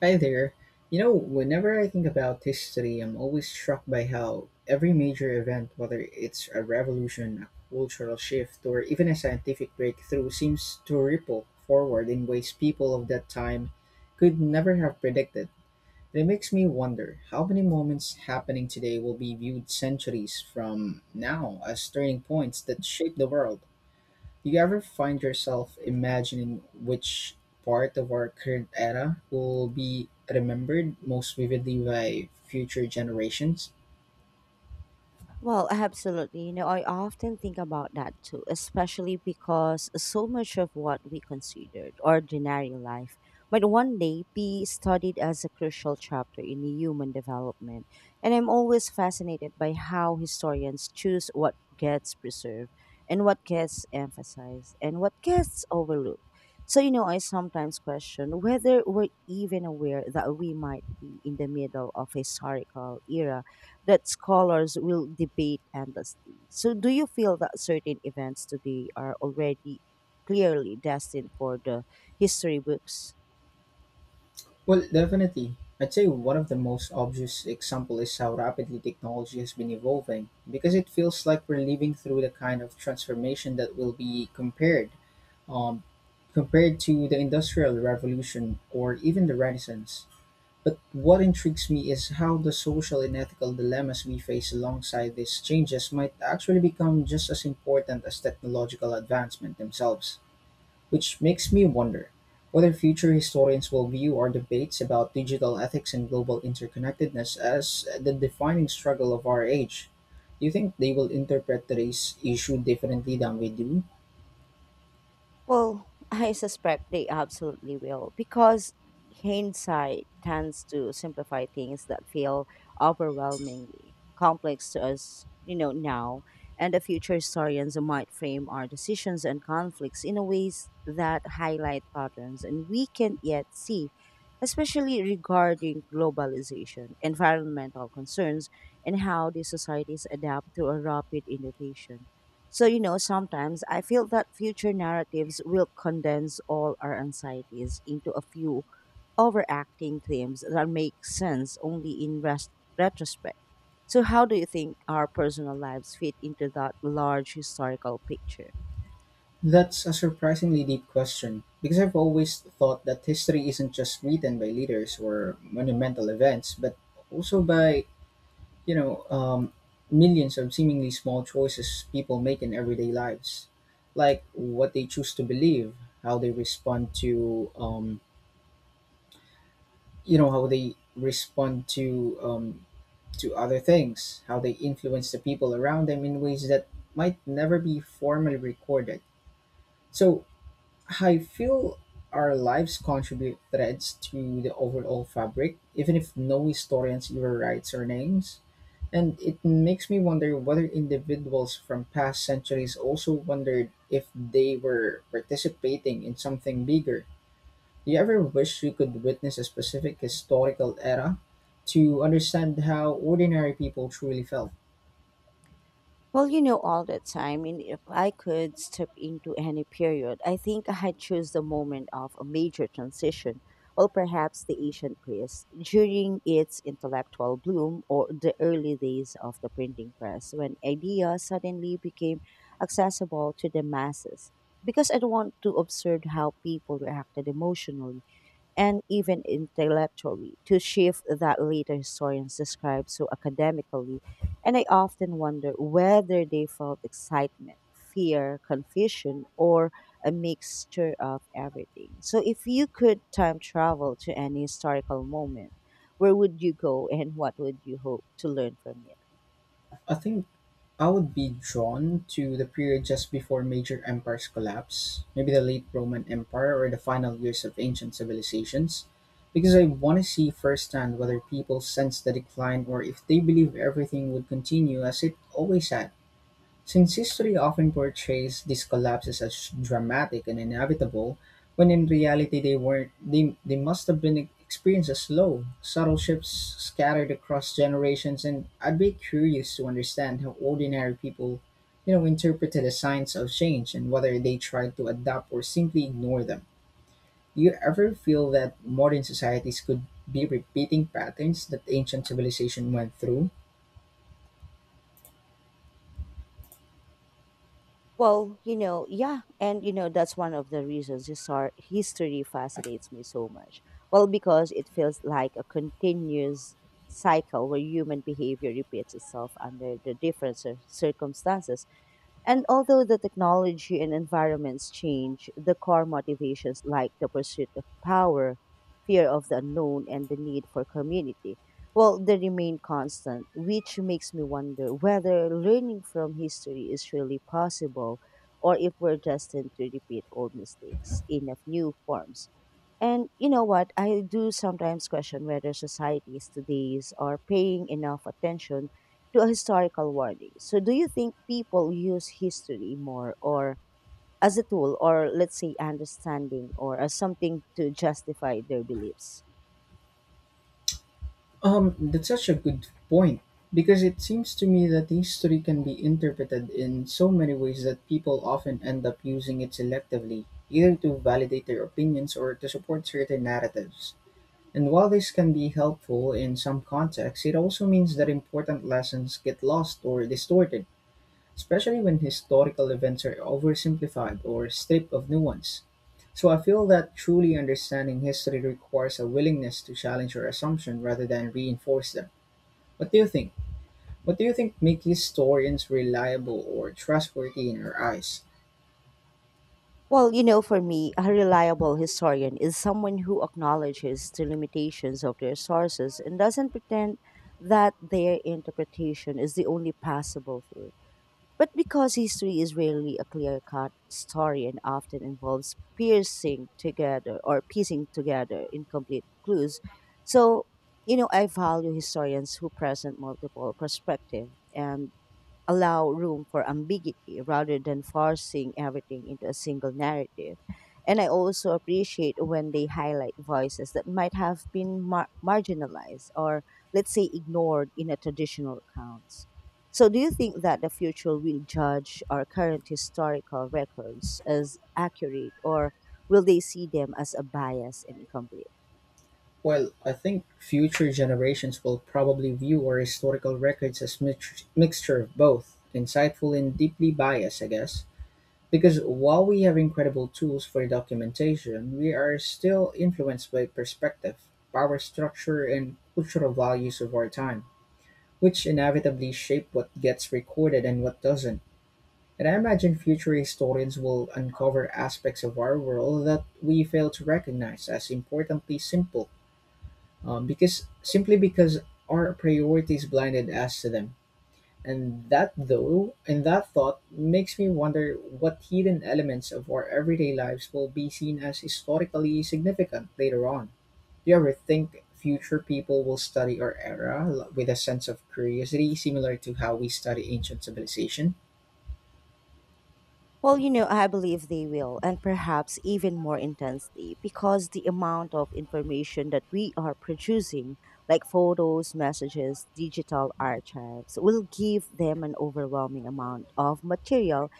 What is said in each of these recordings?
Hi there. You know, whenever I think about history, I'm always struck by how every major event, whether it's a revolution, a cultural shift, or even a scientific breakthrough, seems to ripple forward in ways people of that time could never have predicted. And it makes me wonder how many moments happening today will be viewed centuries from now as turning points that shape the world. Do you ever find yourself imagining which part of our current era will be remembered most vividly by future generations? Well, absolutely. I often think about that too, especially because so much of what we considered ordinary life might one day be studied as a crucial chapter in human development. And I'm always fascinated by how historians choose what gets preserved and what gets emphasized and what gets overlooked. So, I sometimes question whether we're even aware that we might be in the middle of a historical era that scholars will debate endlessly. So, do you feel that certain events today are already clearly destined for the history books? Well, definitely. I'd say one of the most obvious example is how rapidly technology has been evolving because it feels like we're living through the kind of transformation that will be um, compared to the industrial revolution or even the renaissance. But what intrigues me is how the social and ethical dilemmas we face alongside these changes might actually become just as important as technological advancement themselves. Which makes me wonder whether future historians will view our debates about digital ethics and global interconnectedness as the defining struggle of our age. Do you think they will interpret today's issue differently than we do? Well, I suspect they absolutely will because hindsight tends to simplify things that feel overwhelmingly complex to us, now. And the future historians might frame our decisions and conflicts in a ways that highlight patterns and we can't yet see, especially regarding globalization, environmental concerns, and how these societies adapt to a rapid innovation. So, sometimes I feel that future narratives will condense all our anxieties into a few overacting themes that make sense only in retrospect. So, how do you think our personal lives fit into that large historical picture? That's a surprisingly deep question, because I've always thought that history isn't just written by leaders or monumental events, but also by, you know, um, millions of seemingly small choices people make in everyday lives, like what they choose to believe, how they respond to, you know, how they respond to other things, how they influence the people around them in ways that might never be formally recorded. So I feel our lives contribute threads to the overall fabric, even if no historians ever writes our names. And it makes me wonder whether individuals from past centuries also wondered if they were participating in something bigger. Do you ever wish you could witness a specific historical era to understand how ordinary people truly felt? Well, all the time, I mean, if I could step into any period, I think I'd choose the moment of a major transition, or perhaps the ancient Greece during its intellectual bloom or the early days of the printing press when ideas suddenly became accessible to the masses. Because I don't want to observe how people reacted emotionally and even intellectually to shift that later historians describe so academically. And I often wonder whether they felt excitement, fear, confusion, or a mixture of everything. So, if you could time travel to any historical moment, where would you go and what would you hope to learn from it? I think I would be drawn to the period just before major empires collapse, maybe the late Roman Empire or the final years of ancient civilizations, because I want to see firsthand whether people sense the decline or if they believe everything would continue as it always had. Since history often portrays these collapses as dramatic and inevitable, when in reality they weren't, they must have been experienced as slow, subtle shifts scattered across generations, and I'd be curious to understand how ordinary people, you know, interpreted the signs of change and whether they tried to adapt or simply ignore them. Do you ever feel that modern societies could be repeating patterns that ancient civilization went through? Well, yeah, and that's one of the reasons history fascinates me so much. Well, because it feels like a continuous cycle where human behavior repeats itself under the different circumstances. And although the technology and environments change, the core motivations like the pursuit of power, fear of the unknown, and the need for community, well, they remain constant, which makes me wonder whether learning from history is really possible or if we're destined to repeat old mistakes in a new forms. And what? I do sometimes question whether societies today's are paying enough attention to a historical warning. So, do you think people use history more or as a tool or let's say understanding or as something to justify their beliefs? That's such a good point because it seems to me that history can be interpreted in so many ways that people often end up using it selectively, either to validate their opinions or to support certain narratives. And while this can be helpful in some contexts, it also means that important lessons get lost or distorted, especially when historical events are oversimplified or stripped of nuance. So I feel that truly understanding history requires a willingness to challenge your assumption rather than reinforce them. What do you think? What do you think make historians reliable or trustworthy in your eyes? Well, for me, a reliable historian is someone who acknowledges the limitations of their sources and doesn't pretend that their interpretation is the only possible truth. But because history is rarely a clear cut story and often involves piercing together or piecing together incomplete clues, so I value historians who present multiple perspectives and allow room for ambiguity rather than forcing everything into a single narrative. And I also appreciate when they highlight voices that might have been marginalized or, let's say, ignored in a traditional accounts. So, do you think that the future will judge our current historical records as accurate, or will they see them as a bias and incomplete? Well, I think future generations will probably view our historical records as mixture of both, insightful and deeply biased, I guess. Because while we have incredible tools for documentation, we are still influenced by perspective, power structure, and cultural values of our time, which inevitably shape what gets recorded and what doesn't. And I imagine future historians will uncover aspects of our world that we fail to recognize as importantly simple, because simply because our priorities blinded us to them. And that thought makes me wonder what hidden elements of our everyday lives will be seen as historically significant later on. Do you ever think future people will study our era with a sense of curiosity similar to how we study ancient civilization? Well, I believe they will, and perhaps even more intensely, because the amount of information that we are producing, like photos, messages, digital archives, will give them an overwhelming amount of material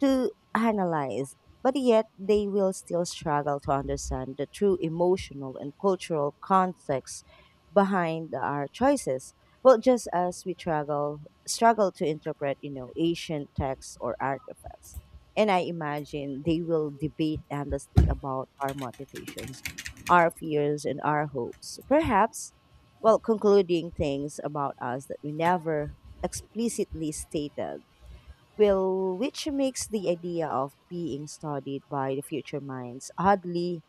to analyze, but yet they will still struggle to understand the true emotional and cultural context behind our choices. Well, just as we struggle to interpret, ancient texts or artifacts. And I imagine they will debate endlessly about our motivations, our fears, and our hopes. Perhaps, well, concluding things about us that we never explicitly stated Will, which makes the idea of being studied by the future minds oddly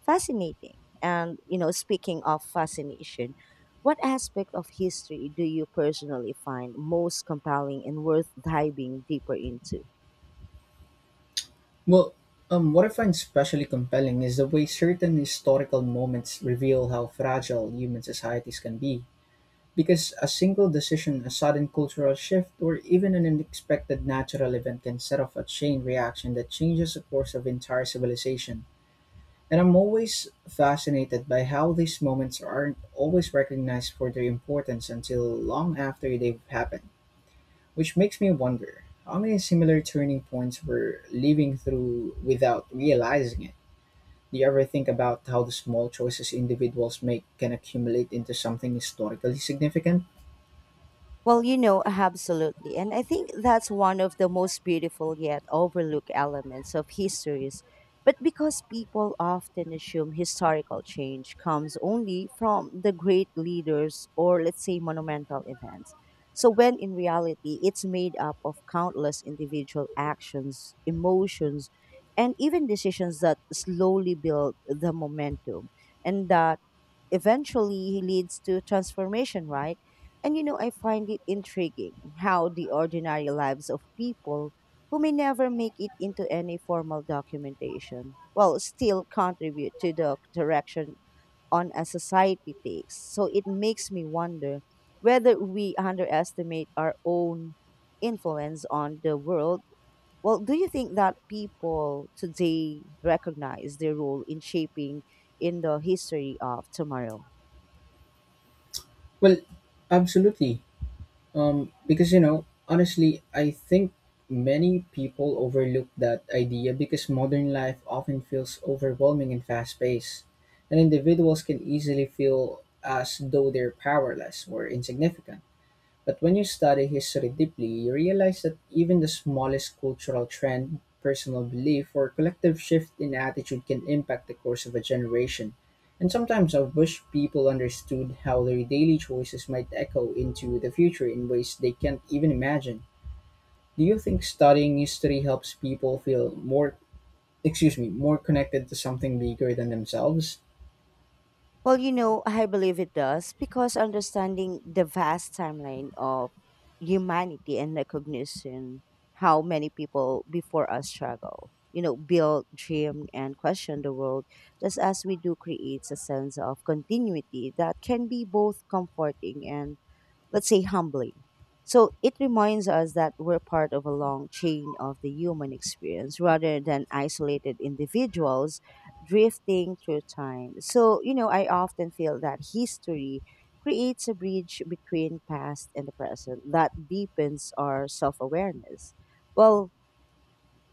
fascinating. And, speaking of fascination, what aspect of history do you personally find most compelling and worth diving deeper into? Well, what I find especially compelling is the way certain historical moments reveal how fragile human societies can be. Because a single decision, a sudden cultural shift, or even an unexpected natural event can set off a chain reaction that changes the course of entire civilization. And I'm always fascinated by how these moments aren't always recognized for their importance until long after they've happened. Which makes me wonder, how many similar turning points we're living through without realizing it? Do you ever think about how the small choices individuals make can accumulate into something historically significant? Well, absolutely. And I think that's one of the most beautiful yet overlooked elements of histories. But because people often assume historical change comes only from the great leaders or, let's say, monumental events. So, when in reality, it's made up of countless individual actions, emotions, and even decisions that slowly build the momentum and that eventually leads to transformation, right? And I find it intriguing how the ordinary lives of people who may never make it into any formal documentation, well, still contribute to the direction on a society takes. So it makes me wonder whether we underestimate our own influence on the world. Well, do you think that people today recognize their role in shaping in the history of tomorrow? Well, absolutely. Because, you know, honestly, I think many people overlook that idea because modern life often feels overwhelming and fast paced, and individuals can easily feel as though they're powerless or insignificant. But when you study history deeply, you realize that even the smallest cultural trend, personal belief, or collective shift in attitude can impact the course of a generation. And sometimes I wish people understood how their daily choices might echo into the future in ways they can't even imagine. Do you think studying history helps people feel more, excuse me, more connected to something bigger than themselves? Well, I believe it does because understanding the vast timeline of humanity and recognition how many people before us struggle, build, dream, and question the world, just as we do, creates a sense of continuity that can be both comforting and let's say humbling. So it reminds us that we're part of a long chain of the human experience rather than isolated individuals drifting through time. So, I often feel that history creates a bridge between past and the present that deepens our self awareness. Well,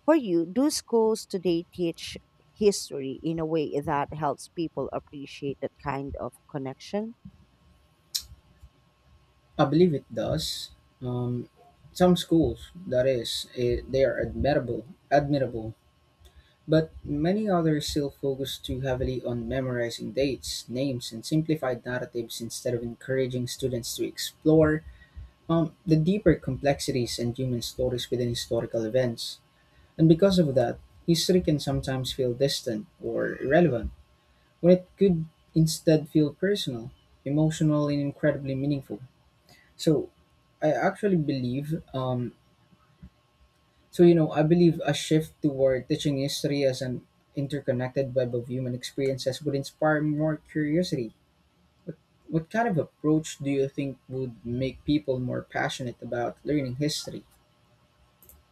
for you, do schools today teach history in a way that helps people appreciate that kind of connection? I believe it does. Um, some schools, that is, they are admirable, but many others still focus too heavily on memorizing dates, names, and simplified narratives instead of encouraging students to explore, the deeper complexities and human stories within historical events. And because of that, history can sometimes feel distant or irrelevant, when it could instead feel personal, emotional, and incredibly meaningful. So, I actually believe um, So, you know, I believe a shift toward teaching history as an interconnected web of human experiences would inspire more curiosity. What kind of approach do you think would make people more passionate about learning history?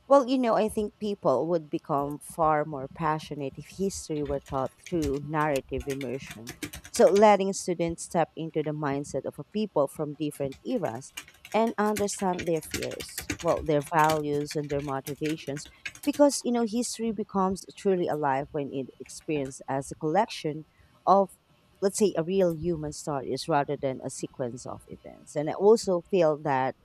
Well, I think people would become far more passionate if history were taught through narrative immersion. So, letting students step into the mindset of a people from different eras and understand their fears, well, their values and their motivations, because, history becomes truly alive when it experienced as a collection of, let's say, a real human stories rather than a sequence of events. And I also feel that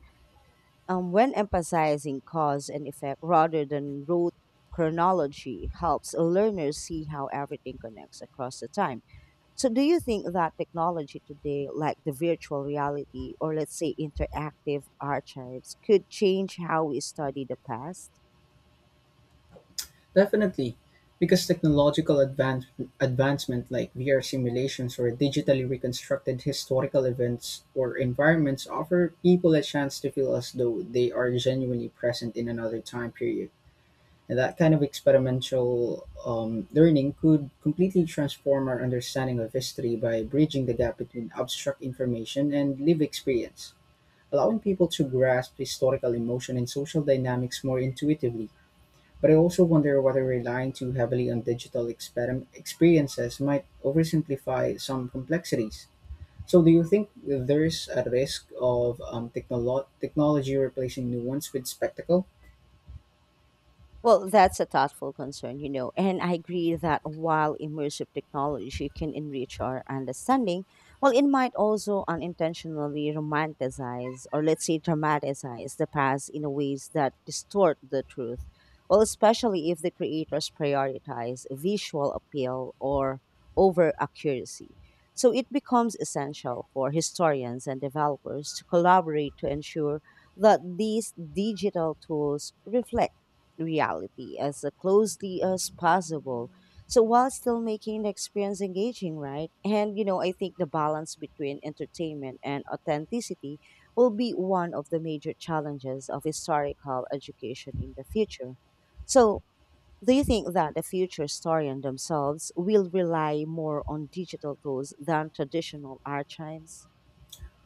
when emphasizing cause and effect rather than rote chronology helps learners see how everything connects across the time. So, do you think that technology today, like the virtual reality or let's say interactive archives, could change how we study the past? Definitely, because advancement like VR simulations or digitally reconstructed historical events or environments offer people a chance to feel as though they are genuinely present in another time period. And that kind of experimental, learning could completely transform our understanding of history by bridging the gap between abstract information and lived experience, allowing people to grasp historical emotion and social dynamics more intuitively. But I also wonder whether relying too heavily on digital experiences might oversimplify some complexities. So, do you think there's a risk of technology replacing nuance with spectacle? Well, that's a thoughtful concern, and I agree that while immersive technology can enrich our understanding, well, it might also unintentionally romanticize or, let's say, dramatize the past in ways that distort the truth. Well, especially if the creators prioritize visual appeal or over accuracy. So it becomes essential for historians and developers to collaborate to ensure that these digital tools reflect reality as closely as possible. So while still making the experience engaging, right? And I think the balance between entertainment and authenticity will be one of the major challenges of historical education in the future. So do you think that the future historian themselves will rely more on digital tools than traditional archives?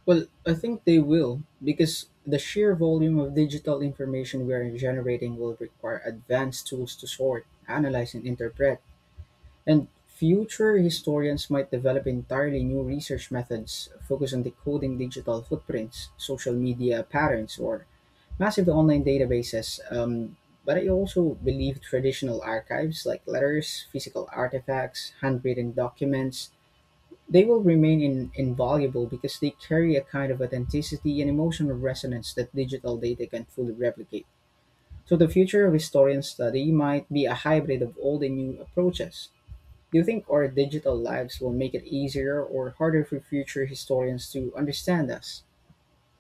Well, I think they will because the sheer volume of digital information we are generating will require advanced tools to sort, analyze, and interpret. And future historians might develop entirely new research methods focused on decoding digital footprints, social media patterns, or massive online databases. But I also believe traditional archives like letters, physical artifacts, handwritten documents, they will remain invaluable because they carry a kind of authenticity and emotional resonance that digital data can fully replicate. So the future of historian study might be a hybrid of old and new approaches. Do you think our digital lives will make it easier or harder for future historians to understand us?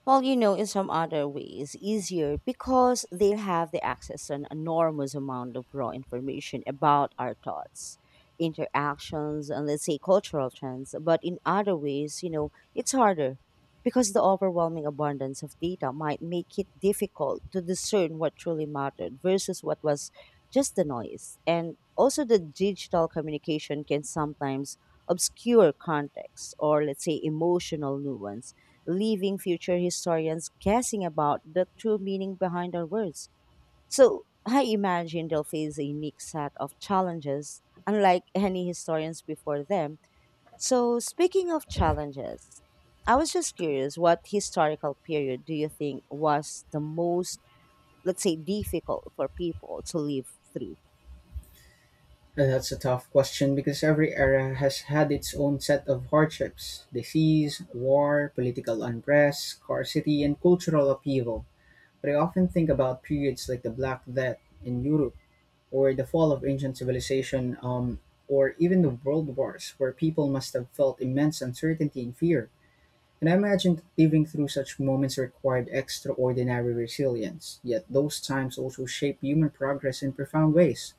Well, in some other ways, easier because they have the access to an enormous amount of raw information about our thoughts, interactions, and let's say cultural trends. But in other ways, it's harder because the overwhelming abundance of data might make it difficult to discern what truly mattered versus what was just the noise. And also, the digital communication can sometimes obscure context or, let's say, emotional nuance leaving future historians guessing about the true meaning behind our words. So I imagine they'll face a unique set of challenges, unlike any historians before them. So speaking of challenges, I was just curious, what historical period do you think was the most, let's say, difficult for people to live through? That's a tough question because every era has had its own set of hardships disease, war, political unrest, scarcity, and cultural upheaval. But I often think about periods like the Black Death in Europe, or the fall of ancient civilization, or even the world wars, where people must have felt immense uncertainty and fear. And I imagine that living through such moments required extraordinary resilience, yet those times also shaped human progress in profound ways.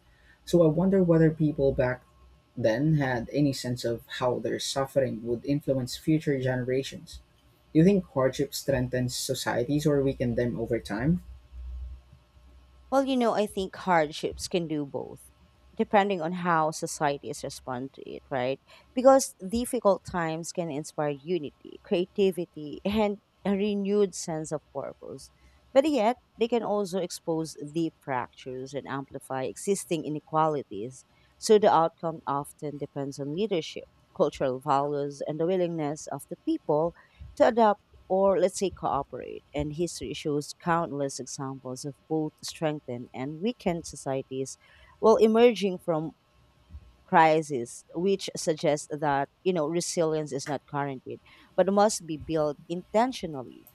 So I wonder whether people back then had any sense of how their suffering would influence future generations. Do you think hardship strengthens societies or weaken them over time? Well, I think hardships can do both, depending on how societies respond to it, right? Because difficult times can inspire unity, creativity, and a renewed sense of purpose. But yet, they can also expose deep fractures and amplify existing inequalities. So the outcome often depends on leadership, cultural values, and the willingness of the people to adapt or let's say cooperate. And history shows countless examples of both strengthened and weakened societies while emerging from crisis, which suggests that, resilience is not guaranteed, but must be built intentionally.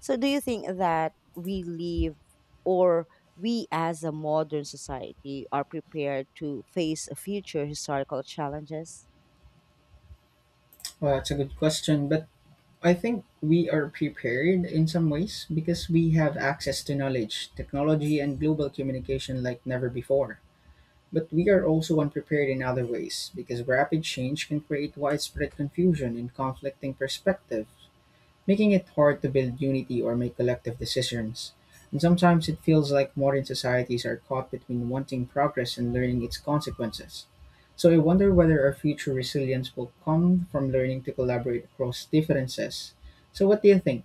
So do you think that we live or we as a modern society are prepared to face future historical challenges? Well, that's a good question, but I think we are prepared in some ways because we have access to knowledge, technology, and global communication like never before. But we are also unprepared in other ways because rapid change can create widespread confusion and conflicting perspective making it hard to build unity or make collective decisions. And sometimes it feels like modern societies are caught between wanting progress and learning its consequences. So I wonder whether our future resilience will come from learning to collaborate across differences. So what do you think?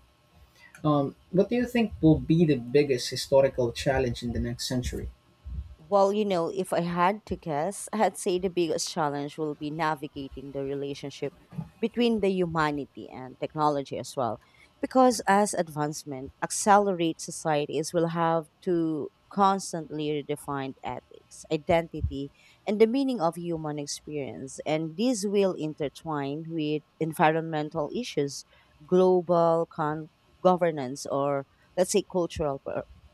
What do you think will be the biggest historical challenge in the next century? Well, if I had to guess, I'd say the biggest challenge will be navigating the relationship between the humanity and technology as well. Because as advancement accelerates, societies will have to constantly redefine ethics, identity, and the meaning of human experience. And these will intertwine with environmental issues, global con- governance, or let's say cultural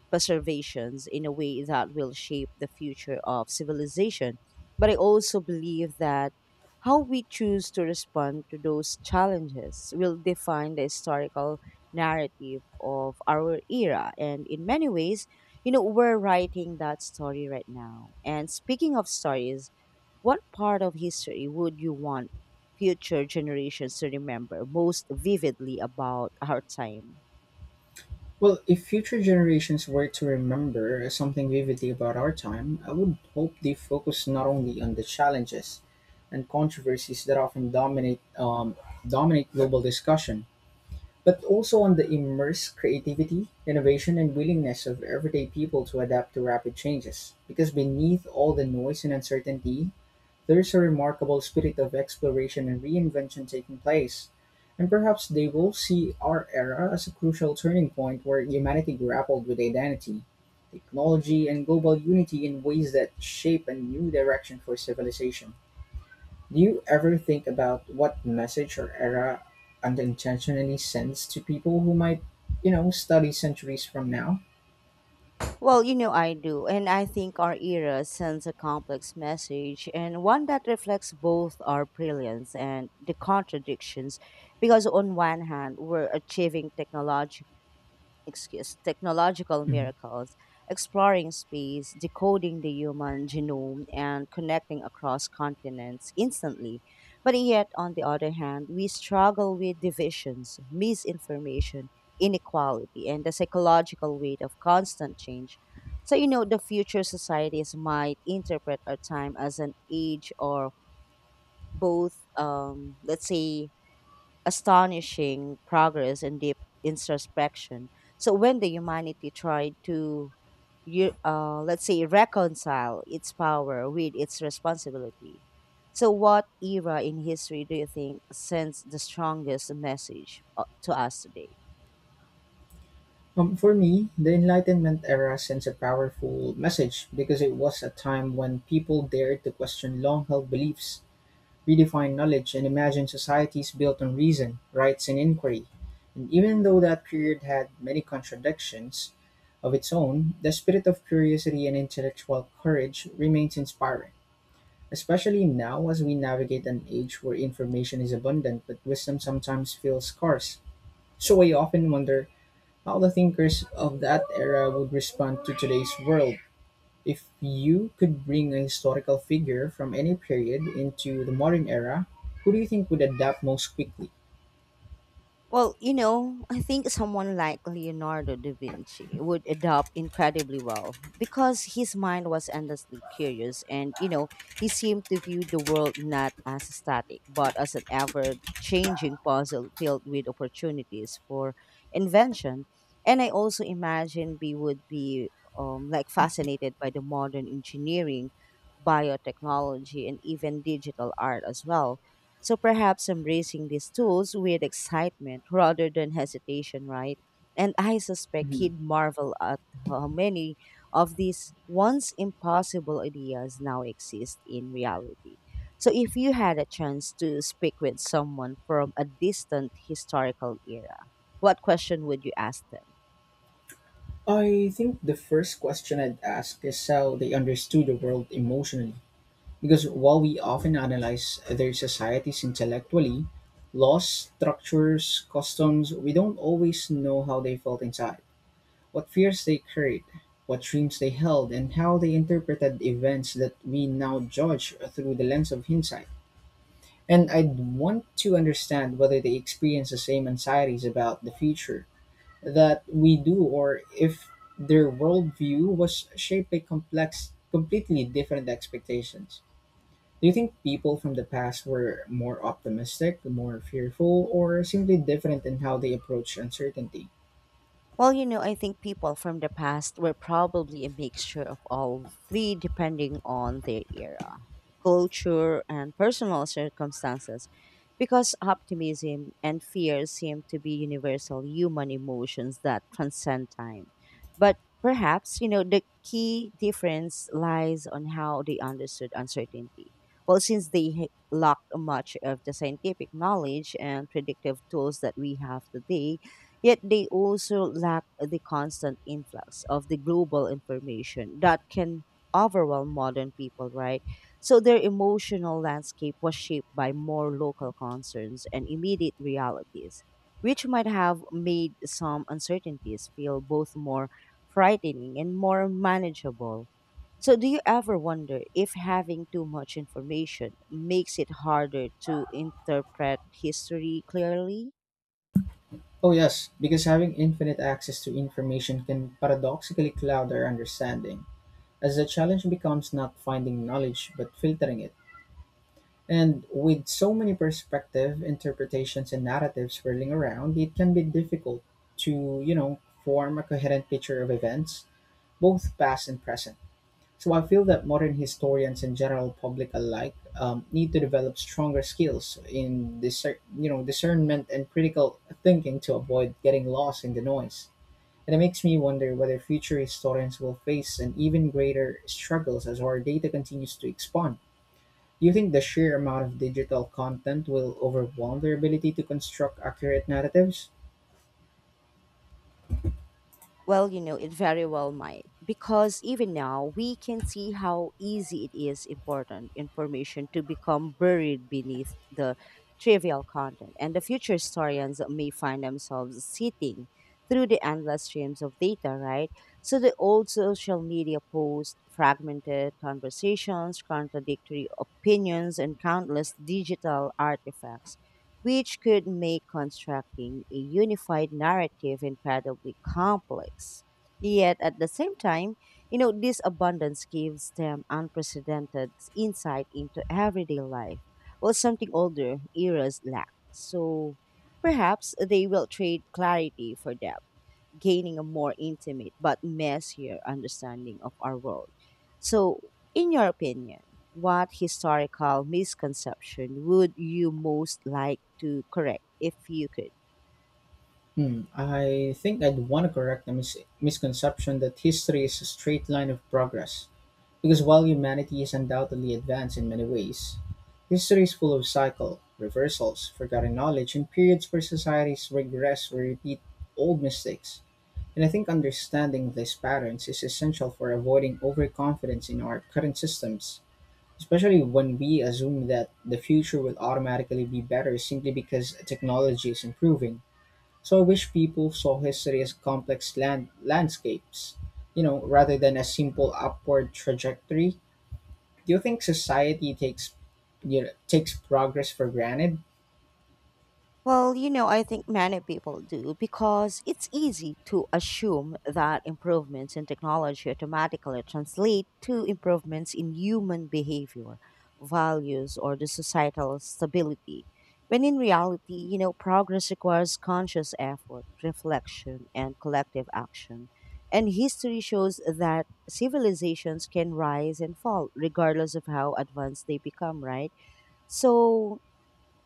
preservations in a way that will shape the future of civilization. But I also believe that how we choose to respond to those challenges will define the historical narrative of our era. And in many ways, we're writing that story right now. And speaking of stories, what part of history would you want future generations to remember most vividly about our time? Well, if future generations were to remember something vividly about our time, I would hope they focus not only on the challenges and controversies that often dominate global discussion, but also on the immense creativity, innovation, and willingness of everyday people to adapt to rapid changes. Because beneath all the noise and uncertainty, there is a remarkable spirit of exploration and reinvention taking place, and perhaps they will see our era as a crucial turning point where humanity grappled with identity, technology, and global unity in ways that shape a new direction for civilization. Do you ever think about what message or era unintentionally sends to people who might, study centuries from now? Well, you know I do, and I think our era sends a complex message and one that reflects both our brilliance and the contradictions. Because on one hand, we're achieving technology excuse technological Mhm. miracles, exploring space, decoding the human genome, and connecting across continents instantly. But yet, on the other hand, we struggle with divisions, misinformation, inequality, and the psychological weight of constant change. So, you know, the future societies might interpret our time as an age or both, let's say, astonishing progress and deep introspection. So when the humanity tried to, you let's say, reconcile its power with its responsibility. So what era in history do you think sends the strongest message to us today? For me, the Enlightenment era sends a powerful message because it was a time when people dared to question long held beliefs, redefine knowledge, and imagine societies built on reason, rights, and inquiry. And even though that period had many contradictions of its own, the spirit of curiosity and intellectual courage remains inspiring, especially now as we navigate an age where information is abundant but wisdom sometimes feels scarce. So I often wonder how the thinkers of that era would respond to today's world if you could bring a historical figure from any period into the modern era, who do you think would adapt most quickly? Well, you know, I think someone like Leonardo da Vinci would adapt incredibly well because his mind was endlessly curious and, you know, he seemed to view the world not as static but as an ever changing puzzle filled with opportunities for invention. And I also imagine we would be like fascinated by the modern engineering, biotechnology, and even digital art as well, so perhaps embracing these tools with excitement rather than hesitation, right? And I suspect Mhm. he'd marvel at how many of these once impossible ideas now exist in reality. So, if you had a chance to speak with someone from a distant historical era, what question would you ask them? I think the first question I'd ask is how they understood the world emotionally. Because while we often analyze their societies intellectually, laws, structures, customs, we don't always know how they felt inside. What fears they carried, what dreams they held, and how they interpreted events that we now judge through the lens of hindsight. And I'd want to understand whether they experience the same anxieties about the future that we do, or if their worldview was shaped by complex, completely different expectations. Do you think people from the past were more optimistic, more fearful, or simply different in how they approach uncertainty? Well, you know, I think people from the past were probably a mixture of all three depending on their era, culture, and personal circumstances, because optimism and fear seem to be universal human emotions that transcend time. But perhaps, you know, the key difference lies on how they understood uncertainty. Well, since they lacked much of the scientific knowledge and predictive tools that we have today, yet they also lack the constant influx of the global information that can overwhelm modern people, right? So their emotional landscape was shaped by more local concerns and immediate realities, which might have made some uncertainties feel both more frightening and more manageable. So, do you ever wonder if having too much information makes it harder to interpret history clearly? Oh, yes, because having infinite access to information can paradoxically cloud our understanding, as the challenge becomes not finding knowledge but filtering it. And with so many perspectives, interpretations, and narratives swirling around, it can be difficult to, form a coherent picture of events, both past and present. So I feel that modern historians and general public alike need to develop stronger skills in discernment and critical thinking to avoid getting lost in the noise. And it makes me wonder whether future historians will face an even greater struggles as our data continues to expand. Do you think the sheer amount of digital content will overwhelm their ability to construct accurate narratives? Well, you know, it very well might, because even now we can see how easy it is important information to become buried beneath the trivial content, and the future historians may find themselves sitting through the endless streams of data, right? So the old social media posts, fragmented conversations, contradictory opinions, and countless digital artifacts which could make constructing a unified narrative incredibly complex. Yet at the same time, you know, this abundance gives them unprecedented insight into everyday life, well, something older eras lack. So perhaps they will trade clarity for depth, gaining a more intimate but messier understanding of our world. So, in your opinion, what historical misconception would you most like to correct if you could? Hmm, I think I'd want to correct a misconception that history is a straight line of progress. Because while humanity is undoubtedly advanced in many ways, history is full of cycle, reversals, forgotten knowledge, and periods where societies regress or repeat old mistakes. And I think understanding these patterns is essential for avoiding overconfidence in our current systems, especially when we assume that the future will automatically be better simply because technology is improving. So I wish people saw history as complex landscapes, rather than a simple upward trajectory. Do you think society takes takes progress for granted? Well, you know, I think many people do because it's easy to assume that improvements in technology automatically translate to improvements in human behavior, values, or the societal stability. When in reality, you know, progress requires conscious effort, reflection, and collective action. And history shows that civilizations can rise and fall regardless of how advanced they become, right? So,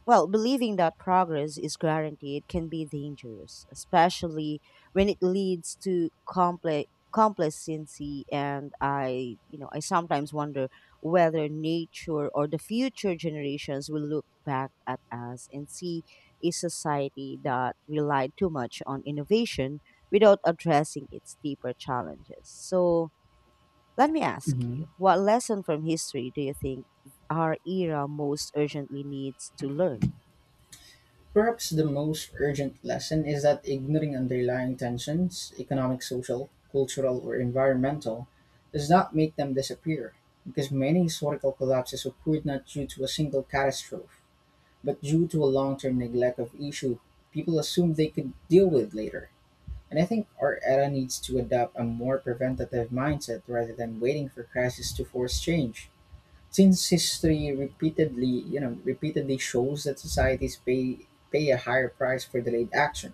well, believing that progress is guaranteed can be dangerous, especially when it leads to complex complacency, and I you know I sometimes wonder whether nature or the future generations will look back at us and see a society that relied too much on innovation without addressing its deeper challenges. So let me ask Mhm. you, what lesson from history do you think our era most urgently needs to learn? Perhaps the most urgent lesson is that ignoring underlying tensions, economic, social, cultural, or environmental, does not make them disappear, because many historical collapses occurred not due to a single catastrophe, but due to a long term neglect of issue people assumed they could deal with later. And I think our era needs to adopt a more preventative mindset rather than waiting for crisis to force change. Since history repeatedly shows that societies pay a higher price for delayed action.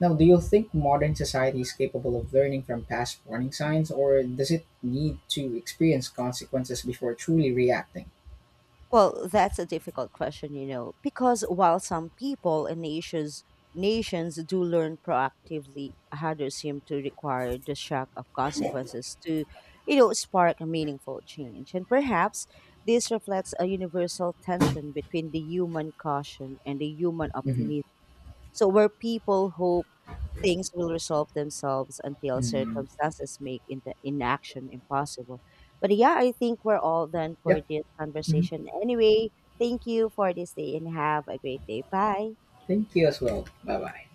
Now, do you think modern society is capable of learning from past warning signs, or does it need to experience consequences before truly reacting? Well, that's a difficult question, you know, because while some people and nations do learn proactively, others seem to require the shock of consequences to, you know, spark a meaningful change. And perhaps this reflects a universal tension between the human caution and the human Mm-hmm. optimism. So, where people hope things will resolve themselves until Mm-hmm. circumstances make in inaction impossible. But yeah, I think we're all done for Yep. this Hmm. conversation. Anyway, thank you for this day and have a great day. Bye. Thank you as well. Bye bye.